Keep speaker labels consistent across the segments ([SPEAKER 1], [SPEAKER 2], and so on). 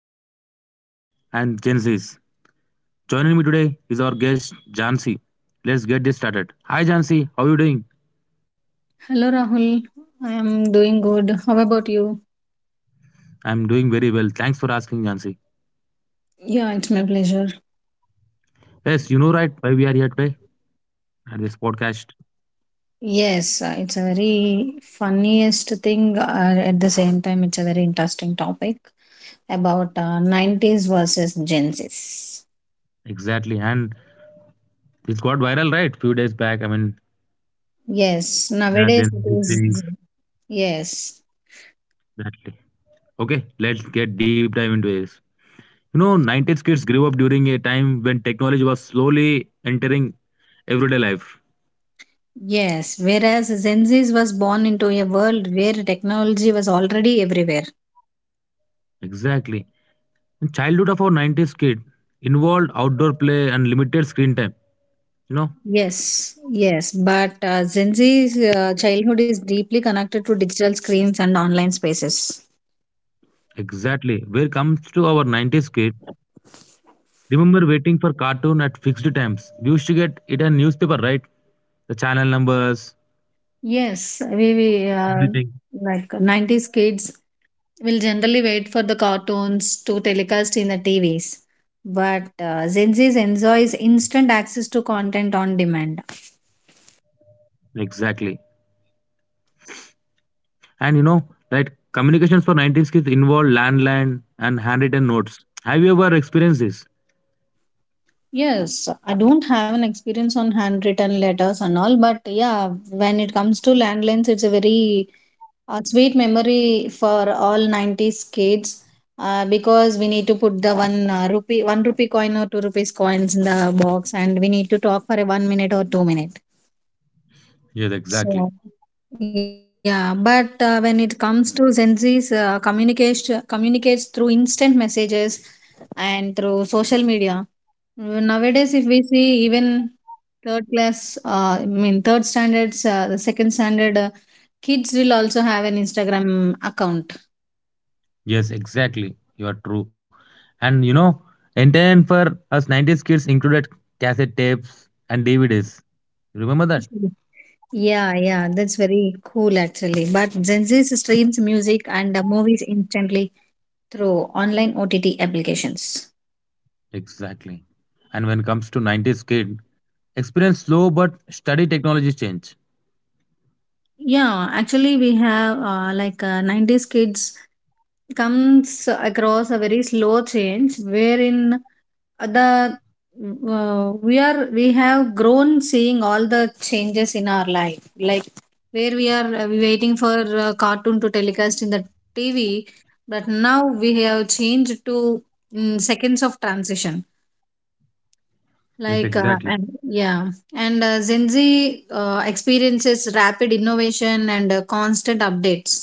[SPEAKER 1] between 90s kid and Gen Zs. Joining me today is our guest Jansi. Let's get this started. Hi, Jansi. How are you doing?
[SPEAKER 2] Hello, Rahul. I am doing good. How about you?
[SPEAKER 1] I'm doing very well. Thanks for asking, Jansi.
[SPEAKER 2] Yeah, it's my pleasure.
[SPEAKER 1] Yes, you know, right, why we are here today at this podcast.
[SPEAKER 2] Yes, it's a very funniest thing. At the same time, it's a very interesting topic about 90s versus Gen Zs.
[SPEAKER 1] Exactly. And it got viral, right? Few days back. I mean,
[SPEAKER 2] Yes,
[SPEAKER 1] they are
[SPEAKER 2] nowadays
[SPEAKER 1] Gen
[SPEAKER 2] it
[SPEAKER 1] Z
[SPEAKER 2] is.
[SPEAKER 1] things.
[SPEAKER 2] Yes,
[SPEAKER 1] Exactly. Okay, let's get deep dive into this. You know, 90s kids grew up during a time when technology was slowly entering everyday life.
[SPEAKER 2] yes. Whereas Gen Zs was born into a world where technology was already everywhere.
[SPEAKER 1] Exactly. And childhood of our 90s kid involved outdoor play and limited screen time. You know,
[SPEAKER 2] Yes, yes, but Gen Z's childhood is deeply connected to digital screens and online spaces.
[SPEAKER 1] exactly. Where comes to our 90s kid, remember waiting for cartoon at fixed times. We used to get it a newspaper, right? The channel numbers,
[SPEAKER 2] Yes, we
[SPEAKER 1] everything.
[SPEAKER 2] like 90s kids will generally wait for the cartoons to telecast in the TV's. But Gen Z enjoys instant access to content on demand.
[SPEAKER 1] Exactly. And you know, right, communications for 90s kids involved landline and handwritten notes. Have you ever experienced this?
[SPEAKER 2] Yes, I don't have an experience on handwritten letters and all, but yeah, when it comes to landlines, it's a very a sweet memory for all 90s kids because we need to put the one rupee one rupee coin or two rupees coins in the box and we need to talk for a 1 minute or 2 minute.
[SPEAKER 1] Yes, exactly.
[SPEAKER 2] So yeah, but when it comes to Gen Z's, communication communicates through instant messages and through social media. Nowadays if we see even third class, I mean third standards, the second standard, kids will also have an Instagram account.
[SPEAKER 1] Yes, exactly. You are true. And you know, entertainment for us 90s kids included cassette tapes and DVDs. You remember that?
[SPEAKER 2] Yeah, yeah, that's very cool actually. But Gen Z streams music and movies instantly through online OTT applications.
[SPEAKER 1] Exactly. And when it comes to 90s kid, experience slow but steady technology change.
[SPEAKER 2] Yeah, actually, we have like 90s kids comes across a very slow change wherein the we are we have grown seeing all the changes in our life, like where we are waiting for a cartoon to telecast in the TV. But now we have changed to seconds of transition,
[SPEAKER 1] Yes,
[SPEAKER 2] like,
[SPEAKER 1] exactly.
[SPEAKER 2] and, yeah, and gen Z experiences rapid innovation and constant updates.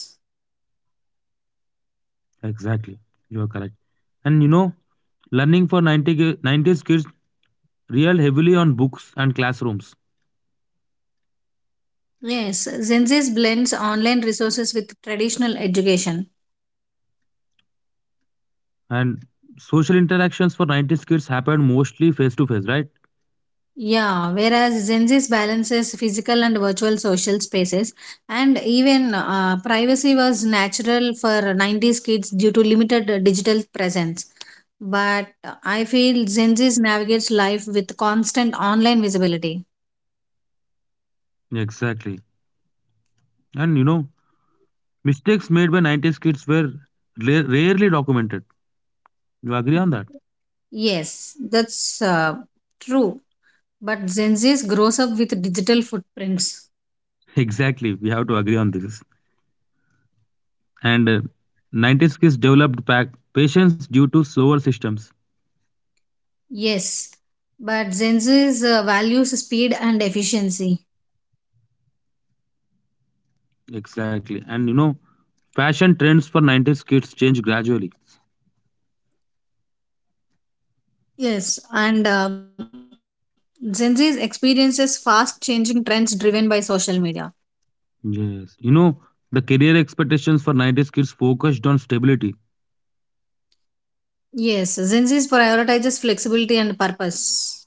[SPEAKER 1] Exactly. You are correct. And you know, learning for 90s kids relied heavily on books and classrooms.
[SPEAKER 2] Yes, Gen Z blends online resources with traditional education.
[SPEAKER 1] And social interactions for 90s kids happened mostly face to face, right?
[SPEAKER 2] Yeah, whereas Gen Z balances physical and virtual social spaces. And even privacy was natural for 90s kids due to limited digital presence. But I feel Gen Z navigates life with constant online visibility.
[SPEAKER 1] Exactly. And you know, mistakes made by 90s kids were rarely documented. You agree on that?
[SPEAKER 2] Yes, that's true. But Gen Z grows up with digital footprints.
[SPEAKER 1] Exactly. We have to agree on this. And 90s kids developed patience due to slower systems.
[SPEAKER 2] Yes, but Gen Z values speed and efficiency.
[SPEAKER 1] Exactly. And you know, fashion trends for 90s kids change gradually.
[SPEAKER 2] Yes, and Gen Z experiences fast changing trends driven by social media.
[SPEAKER 1] Yes. You know, the career expectations for 90s kids focused on stability.
[SPEAKER 2] Yes, Gen Z prioritizes flexibility and purpose.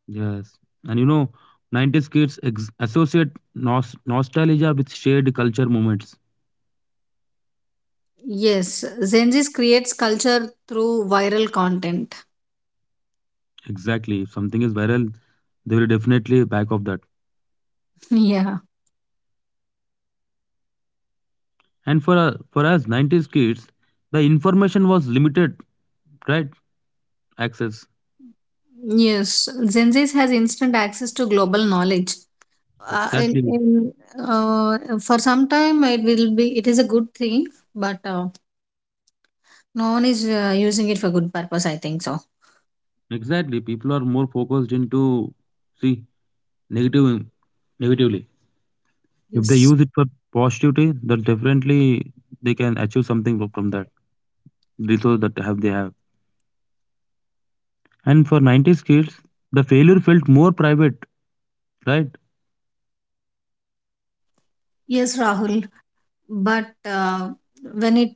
[SPEAKER 1] Yes. And you know, 90s kids associate nostalgia with shared culture moments.
[SPEAKER 2] Yes, Gen Z creates culture through viral content.
[SPEAKER 1] Exactly. If something is viral, they will definitely back off that.
[SPEAKER 2] Yeah.
[SPEAKER 1] And for us 90s kids, the information was limited, right? Access.
[SPEAKER 2] Yes, Gen Z has instant access to global knowledge.
[SPEAKER 1] Exactly.
[SPEAKER 2] In For some time it will be it is a good thing. But no one is using it for good purpose, I think so.
[SPEAKER 1] Exactly. People are more focused into see negative negatively. If they use
[SPEAKER 2] Yes,
[SPEAKER 1] it for positivity, then definitely they can achieve something from that resource that have they have. And for 90s kids, the failure felt more private, right?
[SPEAKER 2] yes, Rahul. but uh, when it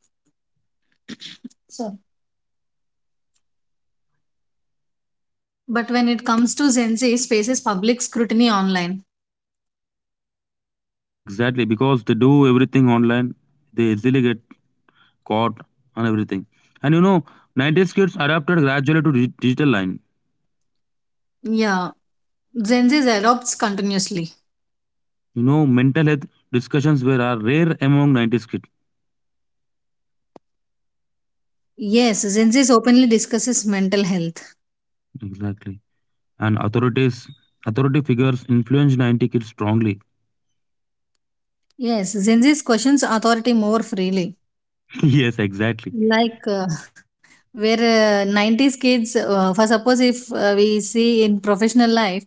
[SPEAKER 2] so but when it comes to Gen Z faces public scrutiny online.
[SPEAKER 1] Exactly, because they do everything online. They easily get caught and everything. And you know, 90s kids adapted gradually to digital line.
[SPEAKER 2] Yeah, Gen Z adopts continuously.
[SPEAKER 1] You know, mental health discussions were are rare among 90s kids.
[SPEAKER 2] Yes, Gen Z openly discusses mental health.
[SPEAKER 1] Exactly. And authority figures influenced 90 kids strongly.
[SPEAKER 2] Yes, Gen Z questions authority more freely.
[SPEAKER 1] Yes, exactly.
[SPEAKER 2] Like, where 90s kids, for suppose if we see in professional life,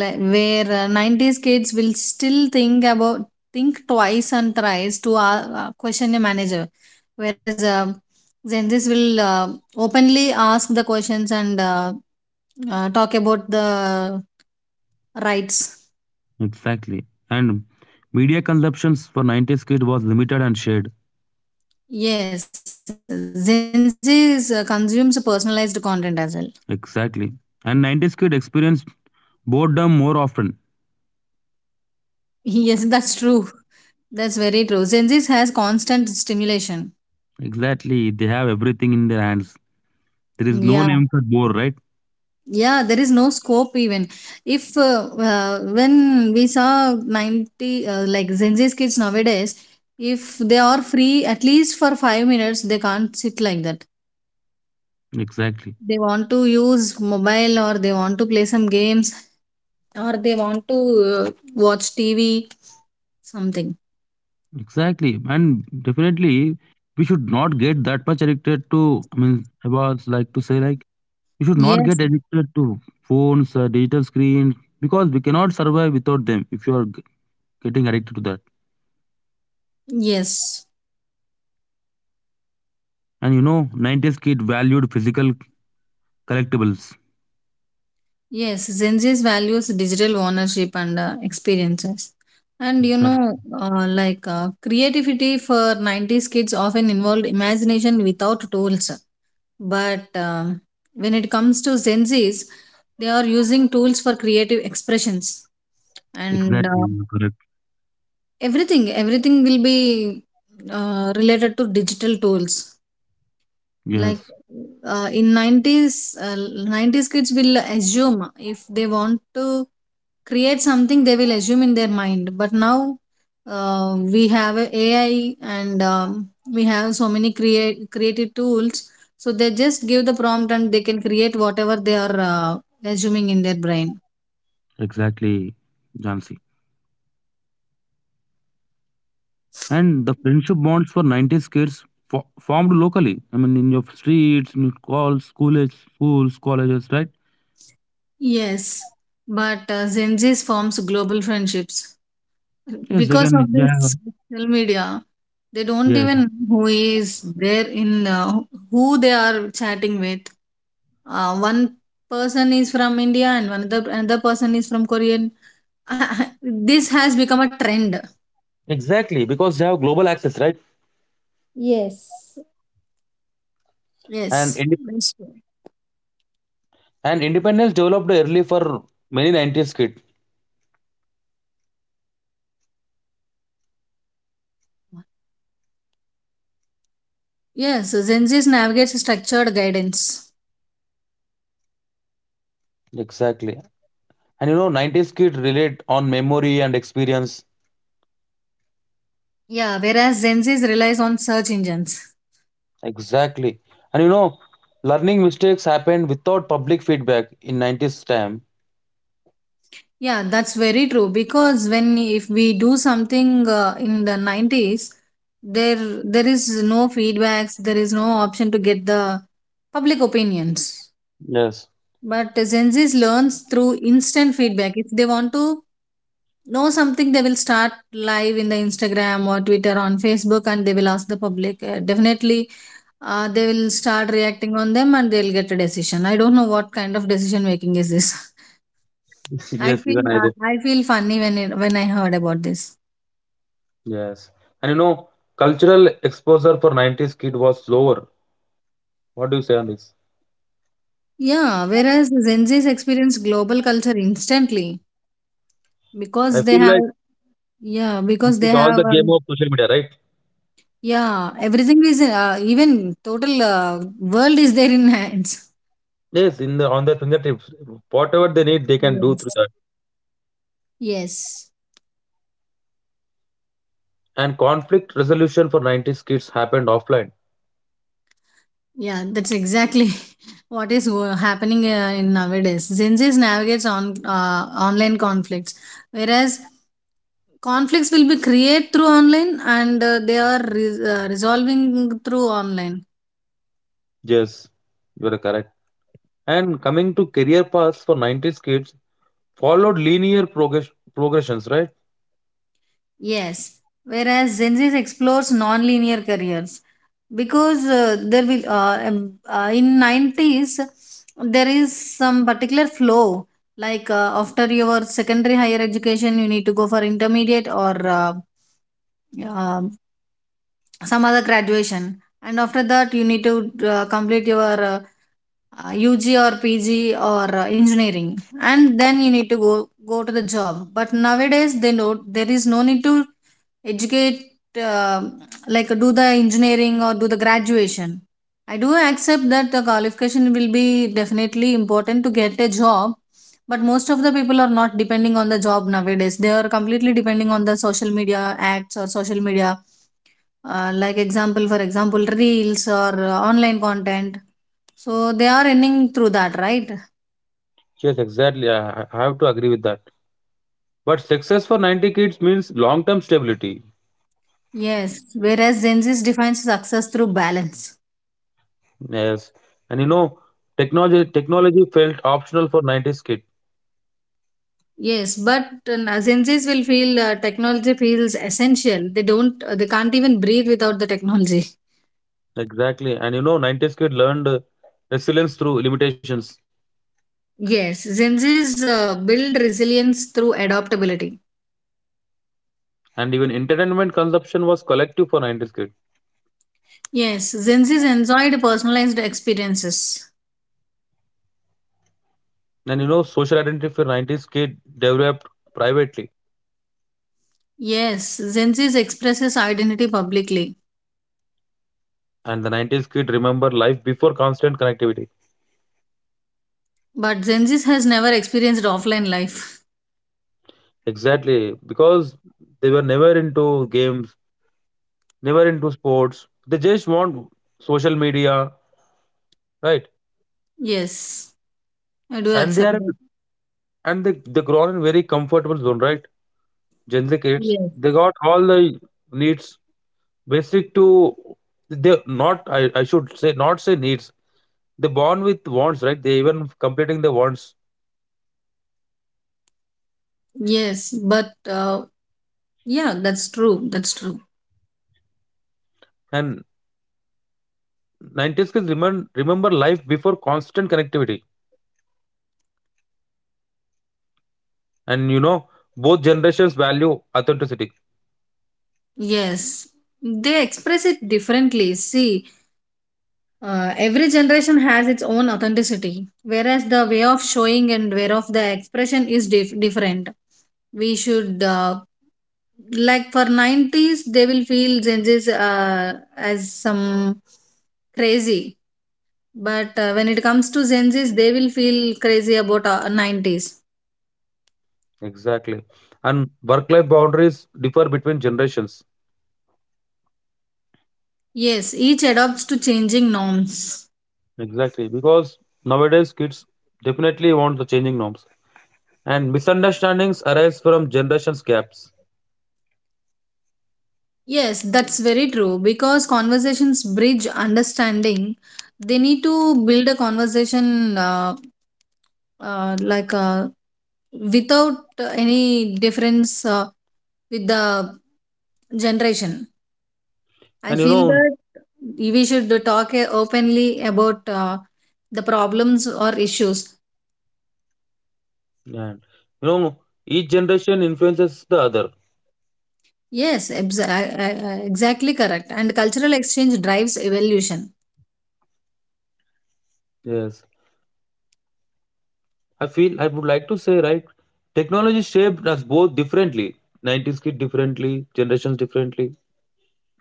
[SPEAKER 2] where 90s kids will still think twice and thrice to question a manager, whereas Gen Zs will openly ask the questions and talk about the rights.
[SPEAKER 1] Exactly. And media consumptions for 90s kid was limited and shared.
[SPEAKER 2] Yes, Gen Z consumes personalized content as well.
[SPEAKER 1] Exactly. And 90s kid experienced boredom more often.
[SPEAKER 2] Yes, that's true. That's very true. Gen Z has constant stimulation.
[SPEAKER 1] Exactly. They have everything in their hands. There is no
[SPEAKER 2] Yeah,
[SPEAKER 1] name for bore, right?
[SPEAKER 2] yeah, there is no scope even if when we saw 90, like Gen Z's kids nowadays, if they are free at least for 5 minutes they can't sit like that.
[SPEAKER 1] Exactly.
[SPEAKER 2] They want to use mobile or they want to play some games or they want to uh, watch tv, something.
[SPEAKER 1] Exactly, and definitely we should not get that much addicted to. I mean, I was like to say like we should not
[SPEAKER 2] Yes,
[SPEAKER 1] get addicted to phones, digital screens because we cannot survive without them. If you are getting addicted to that,
[SPEAKER 2] yes.
[SPEAKER 1] and you know, 90s kid valued physical collectibles.
[SPEAKER 2] Yes, Gen Z's values digital ownership and experiences. And you
[SPEAKER 1] Exact-
[SPEAKER 2] know, like creativity for 90s kids often involved imagination without tools. But when it comes to Gen Z's, they are using tools for creative expressions. And
[SPEAKER 1] Exactly, you're correct.
[SPEAKER 2] everything, everything will be related to digital tools. Like,
[SPEAKER 1] Yes,
[SPEAKER 2] in 90s, 90s kids will assume if they want to create something, they will assume in their mind. But now we have a AI, and we have so many create creative tools, so they just give the prompt and they can create whatever they are assuming in their brain.
[SPEAKER 1] exactly, Jansi. And the friendship bonds for 90s kids formed locally. I mean, in your streets, in your calls, schools, colleges, right?
[SPEAKER 2] Yes, but Gen Z's forms global friendships
[SPEAKER 1] Yes, they
[SPEAKER 2] because
[SPEAKER 1] can.
[SPEAKER 2] of
[SPEAKER 1] They have.
[SPEAKER 2] this social media. They don't
[SPEAKER 1] Yes.
[SPEAKER 2] even know who is there in, who they are chatting with. One person is from India and another person is from Korean. This has become a trend.
[SPEAKER 1] Exactly, because they have global access, right?
[SPEAKER 2] Yes.
[SPEAKER 1] And
[SPEAKER 2] Yes,
[SPEAKER 1] inde-
[SPEAKER 2] that's true.
[SPEAKER 1] and independence developed early for many 90s kid.
[SPEAKER 2] Yes, Gen Z's navigates structured guidance.
[SPEAKER 1] Exactly. And you know, 90s kid relate on memory and experience.
[SPEAKER 2] Yeah, whereas Gen Z's relies on search engines.
[SPEAKER 1] Exactly. And you know, learning mistakes happened without public feedback in 90s time.
[SPEAKER 2] Yeah, that's very true, because when if we do something in the 90s, there there is no feedbacks, there is no option to get the public opinions.
[SPEAKER 1] Yes.
[SPEAKER 2] But Gen Z's learns through instant feedback. If they want to know something, they will start live in the Instagram or Twitter on Facebook and they will ask the public. Definitely they will start reacting on them and they'll get a decision. I don't know what kind of decision making is this.
[SPEAKER 1] Yes, even I do.
[SPEAKER 2] I feel funny when I heard about this.
[SPEAKER 1] Yes. And you know, cultural exposure for 90s kid was slower. What do you say on this?
[SPEAKER 2] Yeah, whereas Gen Zs experience global culture instantly
[SPEAKER 1] I
[SPEAKER 2] because they
[SPEAKER 1] feel like
[SPEAKER 2] have. Yeah,
[SPEAKER 1] this
[SPEAKER 2] because they
[SPEAKER 1] is all
[SPEAKER 2] have,
[SPEAKER 1] the game of social media, right?
[SPEAKER 2] yeah, everything is, even total, world is there in hands.
[SPEAKER 1] Yes, in the on their fingertips, whatever they need, they
[SPEAKER 2] Yes.
[SPEAKER 1] can do through that.
[SPEAKER 2] Yes.
[SPEAKER 1] And conflict resolution for 90s kids happened offline.
[SPEAKER 2] Yeah, that's exactly what is happening in nowadays. Gen Zs navigates on online conflicts, whereas conflicts will be created through online and they are resolving through online.
[SPEAKER 1] Yes, you are correct. And coming to career paths for 90s kids, followed linear progressions, right?
[SPEAKER 2] Yes, whereas Gen Zs explores non-linear careers, because there will in 90s there is some particular flow, like after your secondary higher education you need to go for intermediate or um, some other graduation. And after that you need to complete your UG or PG or engineering and then you need to go to the job. But nowadays they know there is no need to educate, uh, like do the engineering or do the graduation. I do accept that the qualification will be definitely important to get a job, but most of the people are not depending on the job nowadays. They are completely depending on the social media acts or social media, like example, for example reels or online content. So they are earning through that, right?
[SPEAKER 1] Yes, exactly. I have to agree with that. But success for 90 kids means long-term stability.
[SPEAKER 2] Yes, whereas Gen Z defines success through balance.
[SPEAKER 1] Yes, and you know, technology felt optional for 90s kid.
[SPEAKER 2] Yes, but Gen Z's will feel technology feels essential. They can't even breathe without the technology.
[SPEAKER 1] Exactly, and you know, 90s kid learned resilience through limitations.
[SPEAKER 2] Yes, Gen Z's build resilience through adaptability.
[SPEAKER 1] And even entertainment consumption was collective for 90s kid.
[SPEAKER 2] Yes, Gen Zs enjoyed personalized experiences.
[SPEAKER 1] And you know, social identity for 90s kid developed privately.
[SPEAKER 2] Yes, Gen Zs expresses identity publicly.
[SPEAKER 1] And the 90s kid remember life before constant connectivity.
[SPEAKER 2] But Gen Z has never experienced offline life.
[SPEAKER 1] Exactly. Because they were never into games, never into sports. They just want social media, right?
[SPEAKER 2] Yes, I do
[SPEAKER 1] And they
[SPEAKER 2] accept
[SPEAKER 1] are
[SPEAKER 2] that.
[SPEAKER 1] and they grown in very comfortable zone, right? Gen Z kids. They
[SPEAKER 2] Yes.
[SPEAKER 1] got all the needs basic to they not, I should say not say needs. They born with wants, right? They even completing the wants.
[SPEAKER 2] Yes, but yeah, that's true. That's true.
[SPEAKER 1] And 90s kids remember life before constant connectivity. And you know, both generations value authenticity.
[SPEAKER 2] Yes. They express it differently. See, every generation has its own authenticity, whereas the way of showing and way of the expression is different. We should, uh, like for 90s, they will feel Gen Zs as some crazy. But when it comes to Gen Zs, they will feel crazy about 90s.
[SPEAKER 1] Exactly. And work-life boundaries differ between generations.
[SPEAKER 2] Yes, each adapts to changing norms.
[SPEAKER 1] Exactly. Because nowadays kids definitely want the changing norms. And misunderstandings arise from generations gaps.
[SPEAKER 2] Yes, that's very true because conversations bridge understanding. They need to build a conversation, like without any difference with the generation. I
[SPEAKER 1] And you
[SPEAKER 2] feel
[SPEAKER 1] know,
[SPEAKER 2] that we should talk openly about the problems or issues.
[SPEAKER 1] and you know, each generation influences the other.
[SPEAKER 2] Yes, exactly correct. And cultural exchange drives evolution.
[SPEAKER 1] Yes. I feel I would like to say, right? Technology shaped us both differently. 90s kid differently, generations differently,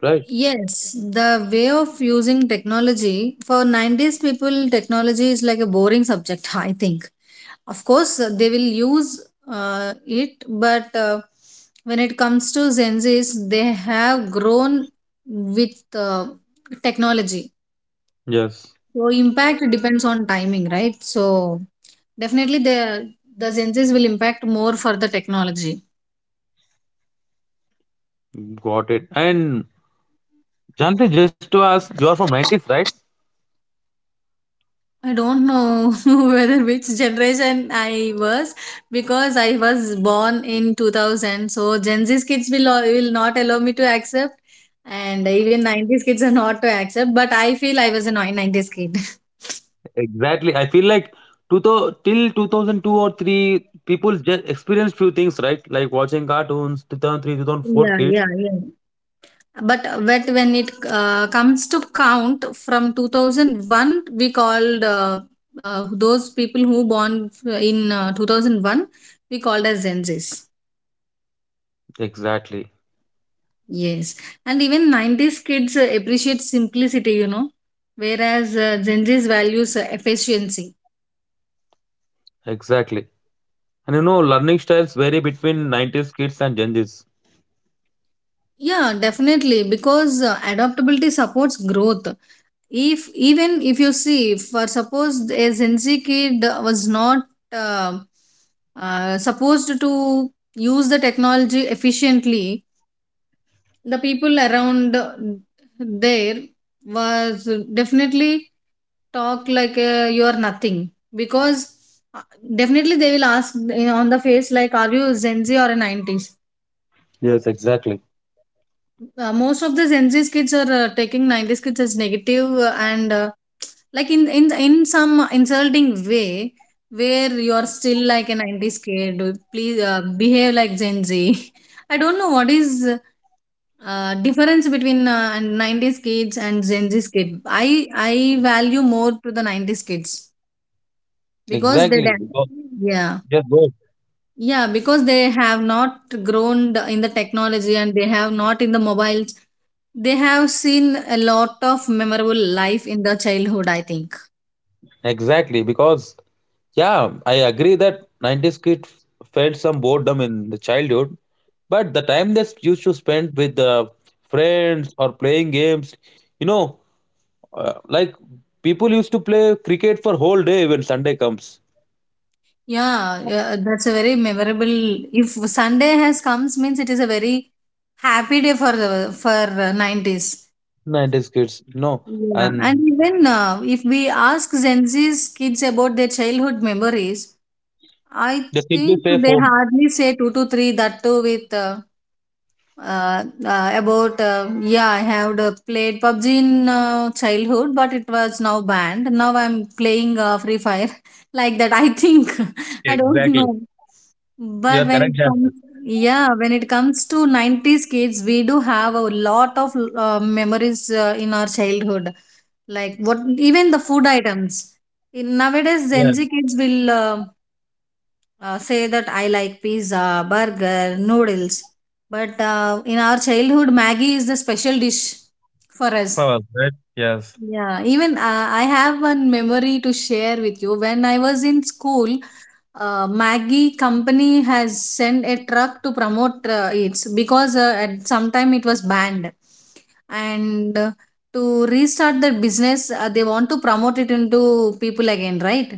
[SPEAKER 1] right?
[SPEAKER 2] Yes, the way of using technology for 90s people, technology is like a boring subject, I think. Of course, they will use it, but when it comes to Gen Z's, they have grown with technology.
[SPEAKER 1] Yes,
[SPEAKER 2] So, impact depends on timing, right? So, definitely, the Gen Z's will impact more for the technology.
[SPEAKER 1] got it. And Janti, just to ask, you are from 90s, right?
[SPEAKER 2] I don't know whether which generation I was because I was born in 2000. So Gen Z's kids will not allow me to accept, and even 90s kids are not to accept. But I feel I was a 90s kid.
[SPEAKER 1] Exactly. I feel like till 2002 or 3, people just experienced few things, right? Like watching cartoons, 2003, 2004
[SPEAKER 2] Yeah,
[SPEAKER 1] kids.
[SPEAKER 2] yeah, yeah. But when it comes to count from 2001, we called, those people who born in 2001, we called as Gen Z's.
[SPEAKER 1] Exactly,
[SPEAKER 2] Yes, and even 90s kids appreciate simplicity, you know, whereas Gen Z's values efficiency.
[SPEAKER 1] exactly. And you know, learning styles vary between 90s kids and Gen Zs.
[SPEAKER 2] Yeah, definitely, because adaptability supports growth. If even if you see, for suppose a Gen Z kid was not uh, supposed to use the technology efficiently, the people around there was definitely talk like you are nothing because uh, definitely they will ask on the face like, are you Gen Z or a 90s?
[SPEAKER 1] Yes, exactly.
[SPEAKER 2] Most of the Gen Z kids are taking 90s kids as negative, and like in some insulting way, where you are still like a 90s kid, please behave like Gen Z. I don't know what is difference between and 90s kids and Gen Z's kids. I value more to the 90s kids because they
[SPEAKER 1] Exactly.
[SPEAKER 2] then,
[SPEAKER 1] Because,
[SPEAKER 2] yeah,
[SPEAKER 1] yes,
[SPEAKER 2] yeah, because they have not grown in the technology, and they have not in the mobiles. They have seen a lot of memorable life in the childhood, I think.
[SPEAKER 1] exactly, because yeah, I agree that 90s kids felt some boredom in the childhood, but the time they used to spend with the friends or playing games, you know, like people used to play cricket for whole day when Sunday comes.
[SPEAKER 2] Yeah, yeah, that's a very memorable. If Sunday has comes means it is a very happy day for the for 90s.
[SPEAKER 1] 90s kids, you know,
[SPEAKER 2] Yeah,
[SPEAKER 1] and
[SPEAKER 2] and even if we ask Gen Z's kids about their childhood memories, I
[SPEAKER 1] they simply
[SPEAKER 2] think
[SPEAKER 1] play
[SPEAKER 2] they
[SPEAKER 1] phone.
[SPEAKER 2] hardly say two to three, that too with about yeah, I have played PUBG in childhood, but it was now banned, now I'm playing Free Fire. Like that, I think.
[SPEAKER 1] Yeah,
[SPEAKER 2] I don't know.
[SPEAKER 1] exactly. You
[SPEAKER 2] But
[SPEAKER 1] are
[SPEAKER 2] when it
[SPEAKER 1] correct,
[SPEAKER 2] comes,
[SPEAKER 1] Jansi.
[SPEAKER 2] yeah, when it comes to 90s kids, we do have a lot of memories in our childhood, like what? Even the food items, in nowadays Gen Z
[SPEAKER 1] Yes.
[SPEAKER 2] kids will say that I like pizza, burger, noodles. But in our childhood, Maggie is the special dish for us.
[SPEAKER 1] Fawaz, right? Yes.
[SPEAKER 2] Yeah, even I have one memory to share with you. When I was in school, Maggie company has sent a truck to promote it because at some time it was banned. And to restart the business, they want to promote it into people again, right?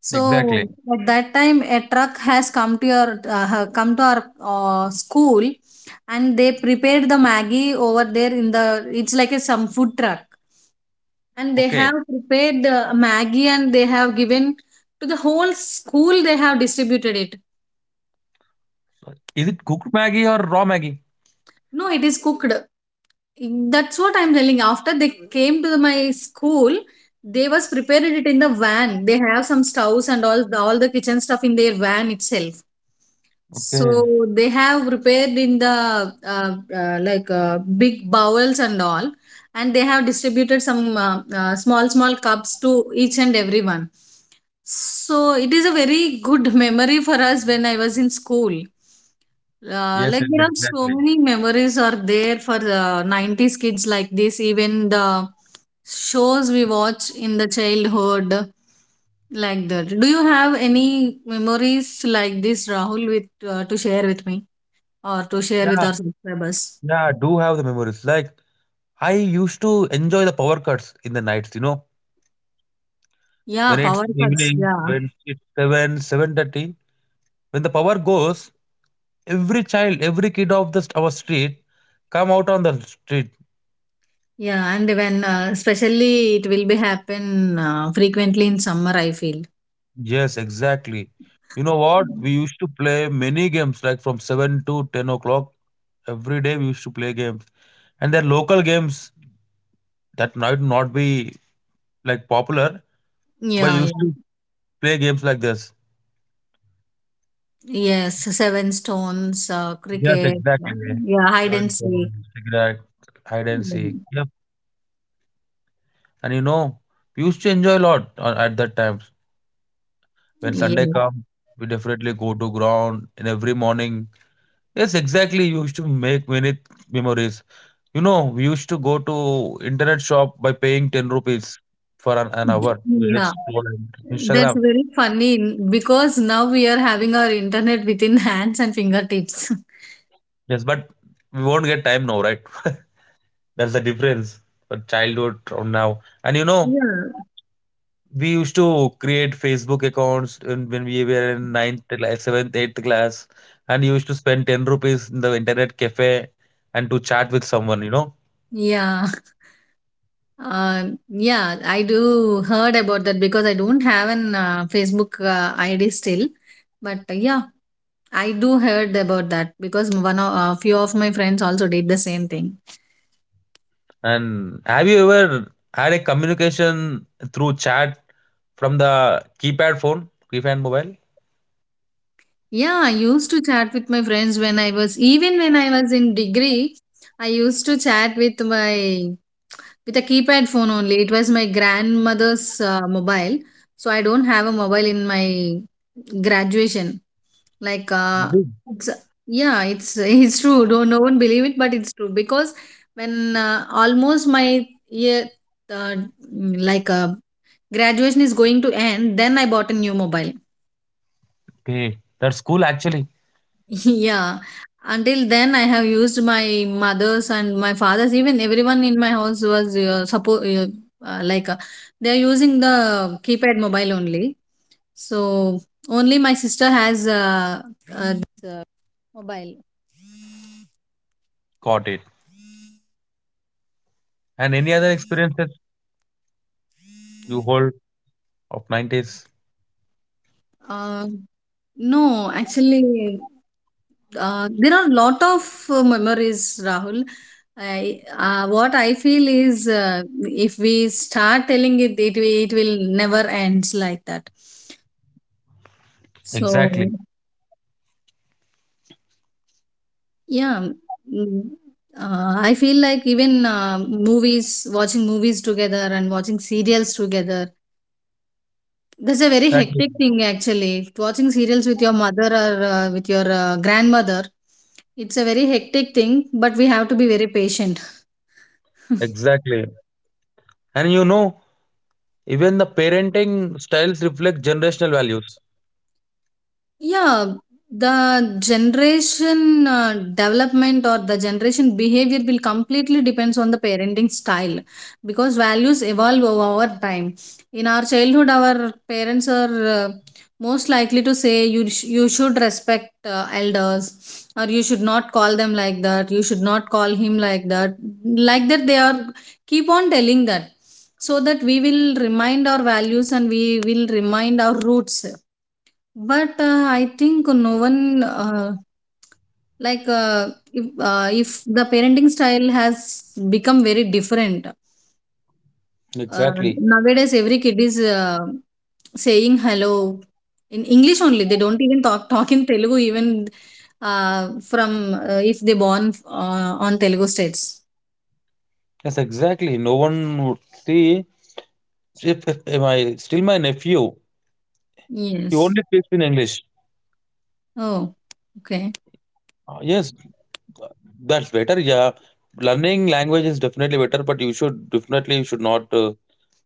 [SPEAKER 2] So
[SPEAKER 1] Exactly.
[SPEAKER 2] at that time, a truck has come to your come to our school, and they prepared the Maggie over there in the. It's like a some food truck, and they have
[SPEAKER 1] Okay.
[SPEAKER 2] prepared the Maggie and they have given to the whole school, they have distributed it.
[SPEAKER 1] So, is it cooked Maggie or raw Maggie?
[SPEAKER 2] No, it is cooked, that's what I'm telling. After they came to my school, they was prepared it in the van, they have some stoves and all the kitchen stuff in their van itself. So
[SPEAKER 1] Okay.
[SPEAKER 2] they have prepared in the like big bowls and all, and they have distributed some small small cups to each and everyone. So it is a very good memory for us when I was in school.
[SPEAKER 1] Yes,
[SPEAKER 2] Like,
[SPEAKER 1] yes,
[SPEAKER 2] there are so
[SPEAKER 1] exactly.
[SPEAKER 2] many memories are there for the 90s kids like this, even the shows we watch in the childhood, like that. Do you have any memories like this, Rahul, with to share with me or to share with
[SPEAKER 1] Yeah,
[SPEAKER 2] our subscribers?
[SPEAKER 1] yeah, I do have the memories. Like I used to enjoy the power cuts in the nights, you know,
[SPEAKER 2] Yeah,
[SPEAKER 1] when it's
[SPEAKER 2] power cuts,
[SPEAKER 1] evening,
[SPEAKER 2] yeah.
[SPEAKER 1] when it's seven, 7:30, when the power goes, every child, every kid of our street come out on the street.
[SPEAKER 2] Yeah, and when especially it will be happen frequently in summer, I feel.
[SPEAKER 1] Yes, exactly. You know what? We used to play many games, like from 7 to 10 o'clock every day. We used to play games, and there are local games that might not be like popular, but
[SPEAKER 2] Yeah, yeah.
[SPEAKER 1] used to play games like this.
[SPEAKER 2] Yes, seven stones,
[SPEAKER 1] Yes,
[SPEAKER 2] cricket,
[SPEAKER 1] exactly.
[SPEAKER 2] yeah, hide and
[SPEAKER 1] Even for
[SPEAKER 2] seek.
[SPEAKER 1] cigarette, hide and seek.
[SPEAKER 2] Mm.
[SPEAKER 1] Yep. And you know, we used to enjoy a lot at that times. When Sunday
[SPEAKER 2] Yeah.
[SPEAKER 1] come, we definitely go to ground and every morning. Yes, exactly. We used to make many memories. You know, we used to go to internet shop by paying 10 rupees for an hour. We
[SPEAKER 2] Yeah.
[SPEAKER 1] just scroll on
[SPEAKER 2] That's
[SPEAKER 1] Instagram.
[SPEAKER 2] very funny because now we are having our internet within hands and fingertips.
[SPEAKER 1] Yes, but we won't get time now, right? That's the difference for childhood from now. And you know,
[SPEAKER 2] Yeah.
[SPEAKER 1] we used to create Facebook accounts when we were in seventh, eighth class, and used to spend 10 rupees in the internet cafe and to chat with someone, you know.
[SPEAKER 2] Yeah. Yeah, I do heard about that because I don't have an Facebook ID still. But yeah, I do heard about that because one of a few of my friends also did the same thing.
[SPEAKER 1] And have you ever had a communication through chat from the keypad phone, keypad mobile?
[SPEAKER 2] Yeah, I used to chat with my friends when I was, even when I was in degree, I used to chat with my, with a keypad phone only. It was my grandmother's mobile, so I don't have a mobile in my graduation. Like,
[SPEAKER 1] Did.
[SPEAKER 2] it's, yeah, it's it's true. Don't no one believe it, but it's true because when almost my year, uh, like uh, graduation is going to end, then I bought a new mobile.
[SPEAKER 1] Okay, that's cool. Actually,
[SPEAKER 2] Yeah, until then I have used my mother's and my father's, even everyone in my house was uh, like uh, they are using the keypad mobile only. So only my sister has uh, this, uh, mobile.
[SPEAKER 1] got it. And any other experiences you hold of nineties?
[SPEAKER 2] Uh, no, actually, there are a lot of memories, Rahul. What I feel is if we start telling it, it will never ends like that. So
[SPEAKER 1] Exactly.
[SPEAKER 2] yeah, mm, I feel like even movies, watching movies together and watching serials together, that's a very
[SPEAKER 1] Exactly.
[SPEAKER 2] hectic thing actually. Watching serials with your mother or with your grandmother, it's a very hectic thing, but we have to be very patient.
[SPEAKER 1] Exactly. And you know, even the parenting styles reflect generational values.
[SPEAKER 2] Yeah, the generation development or the generation behavior will completely depends on the parenting style because values evolve over time. In our childhood, our parents are most likely to say, you should respect elders, or you should not call them like that. You should not call him like that. Like that, they are keep on telling that, so that we will remind our values and we will remind our roots. But I think no one if the parenting style has become very different. Uh,
[SPEAKER 1] Exactly.
[SPEAKER 2] Nowadays, every kid is saying hello in English only. They don't even talk talk in Telugu even from if they born on Telugu states.
[SPEAKER 1] Yes, exactly. No one would see. If I still my nephew, he
[SPEAKER 2] Yes.
[SPEAKER 1] only speaks in English.
[SPEAKER 2] Oh, okay.
[SPEAKER 1] Yes, uh, that's better. Yeah, learning language is definitely better, but you should not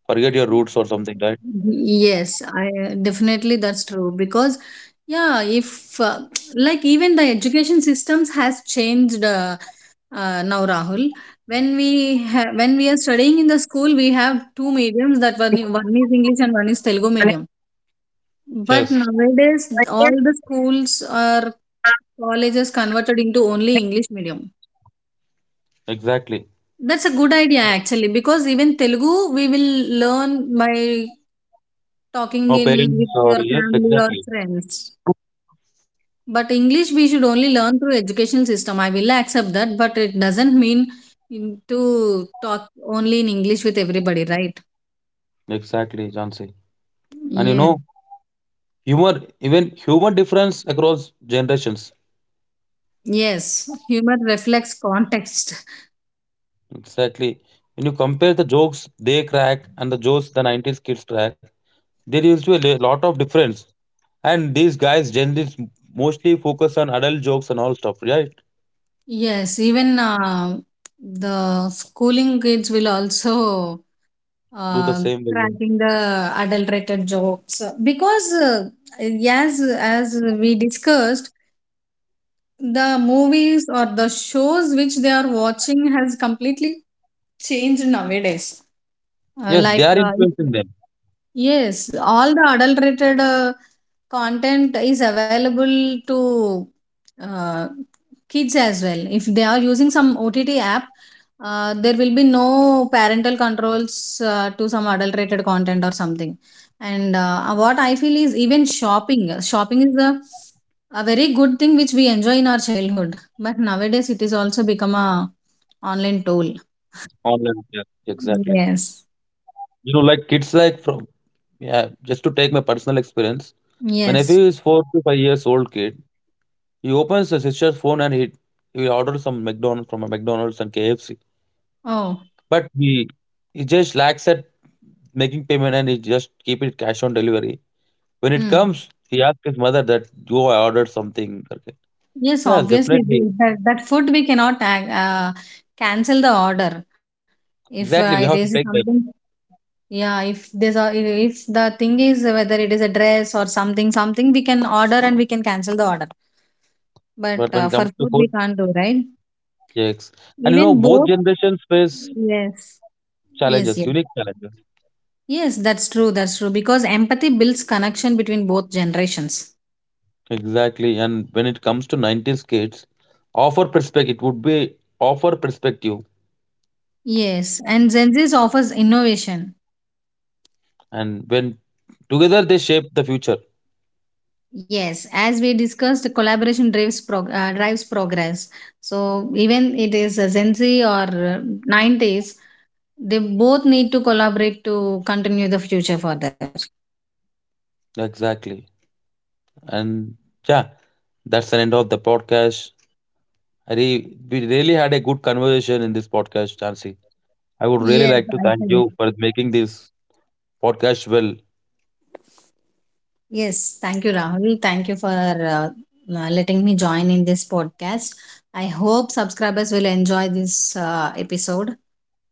[SPEAKER 1] forget your roots or something, right?
[SPEAKER 2] Yes, I definitely that's true because yeah, if like even the education systems has changed now, Rahul. When we when we are studying in the school, we have two mediums, that one is English and one is Telugu medium. But
[SPEAKER 1] Yes,
[SPEAKER 2] nowadays, all the schools or colleges converted into only English medium.
[SPEAKER 1] exactly.
[SPEAKER 2] That's a good idea actually, because even Telugu we will learn by talking
[SPEAKER 1] Or
[SPEAKER 2] in,
[SPEAKER 1] parents,
[SPEAKER 2] with
[SPEAKER 1] or
[SPEAKER 2] your
[SPEAKER 1] yes,
[SPEAKER 2] family or
[SPEAKER 1] exactly,
[SPEAKER 2] friends. But English we should only learn through education system. I will accept that, but it doesn't mean to talk only in English with everybody, right?
[SPEAKER 1] exactly, Jansi. And you
[SPEAKER 2] Yeah.
[SPEAKER 1] know, even humor difference across generations.
[SPEAKER 2] Yes. Humor reflects context.
[SPEAKER 1] Exactly. When you compare the jokes they crack and the jokes the 90s kids crack, there used to be a lot of difference. And these guys generally mostly focus on adult jokes and all stuff, right?
[SPEAKER 2] Yes. Even the schooling kids will also
[SPEAKER 1] Do the
[SPEAKER 2] uh,
[SPEAKER 1] same way. Yeah.
[SPEAKER 2] cracking the adulterated jokes because as we discussed, the movies or the shows which they are watching has completely changed nowadays. Uh,
[SPEAKER 1] Yes, they
[SPEAKER 2] like
[SPEAKER 1] are
[SPEAKER 2] uh,
[SPEAKER 1] influencing
[SPEAKER 2] if-
[SPEAKER 1] them
[SPEAKER 2] yes, all the adulterated content is available to uh, kids as well, if they are using some OTT app. There will be no parental controls to some adulterated content or something. And what I feel is, even shopping, shopping is a very good thing which we enjoy in our childhood, but nowadays it is also become a online tool.
[SPEAKER 1] online. Yeah, exactly.
[SPEAKER 2] Yes,
[SPEAKER 1] You know, like kids like from yeah, just to take my personal experience. My nephew is
[SPEAKER 2] yes.
[SPEAKER 1] 4 to 5 years old kid. He opens his sister's phone and he orders some McDonald's from a McDonald's and KFC.
[SPEAKER 2] Oh.
[SPEAKER 1] But he just lacks at making payment and he just keep it cash on delivery. When it comes,
[SPEAKER 2] Mm.
[SPEAKER 1] he asks his mother that, "Yo, I ordered something." Okay.
[SPEAKER 2] Yes,
[SPEAKER 1] Yes,
[SPEAKER 2] obviously,
[SPEAKER 1] definitely.
[SPEAKER 2] that, that food we cannot cancel the order. If it
[SPEAKER 1] Exactly. We
[SPEAKER 2] is
[SPEAKER 1] have to take that.
[SPEAKER 2] something, yeah, if there's a, if the thing is whether it is a dress or something, something we can order and we can cancel the order. But
[SPEAKER 1] But when it
[SPEAKER 2] for
[SPEAKER 1] comes to
[SPEAKER 2] food, we
[SPEAKER 1] food,
[SPEAKER 2] can't do, right?
[SPEAKER 1] yes. And you know,
[SPEAKER 2] Even
[SPEAKER 1] both
[SPEAKER 2] both,
[SPEAKER 1] generations face
[SPEAKER 2] yes, yes,
[SPEAKER 1] challenges,
[SPEAKER 2] yes.
[SPEAKER 1] unique challenges.
[SPEAKER 2] Yes, that's true, that's true, because empathy builds connection between both generations.
[SPEAKER 1] Exactly. And when it comes to 90s kids, offer perspective, it would be offer perspective.
[SPEAKER 2] Yes, and Gen Z offers innovation.
[SPEAKER 1] And when together they shape the future.
[SPEAKER 2] Yes, as we discussed, the collaboration drives drives progress. So even it is a Gen Z or 90s, they both need to collaborate to continue the future further.
[SPEAKER 1] Exactly. And yeah, that's the end of the podcast. Re We really had a good conversation in this podcast, Chansey. I would really
[SPEAKER 2] Yes,
[SPEAKER 1] like to
[SPEAKER 2] I
[SPEAKER 1] thank you
[SPEAKER 2] think.
[SPEAKER 1] for making this podcast well.
[SPEAKER 2] Yes, thank you, Rahul. Thank you for letting me join in this podcast. I hope subscribers will enjoy this episode.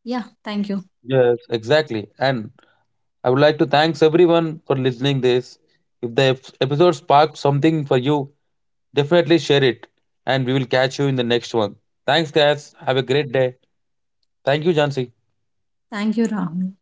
[SPEAKER 2] Yeah, thank you.
[SPEAKER 1] Yes, exactly. And I would like to thanks everyone for listening this. If the episode sparked something for you, definitely share it. And we will catch you in the next one. Thanks, guys. Have a great day. Thank you, Jansi.
[SPEAKER 2] Thank you, Rahul.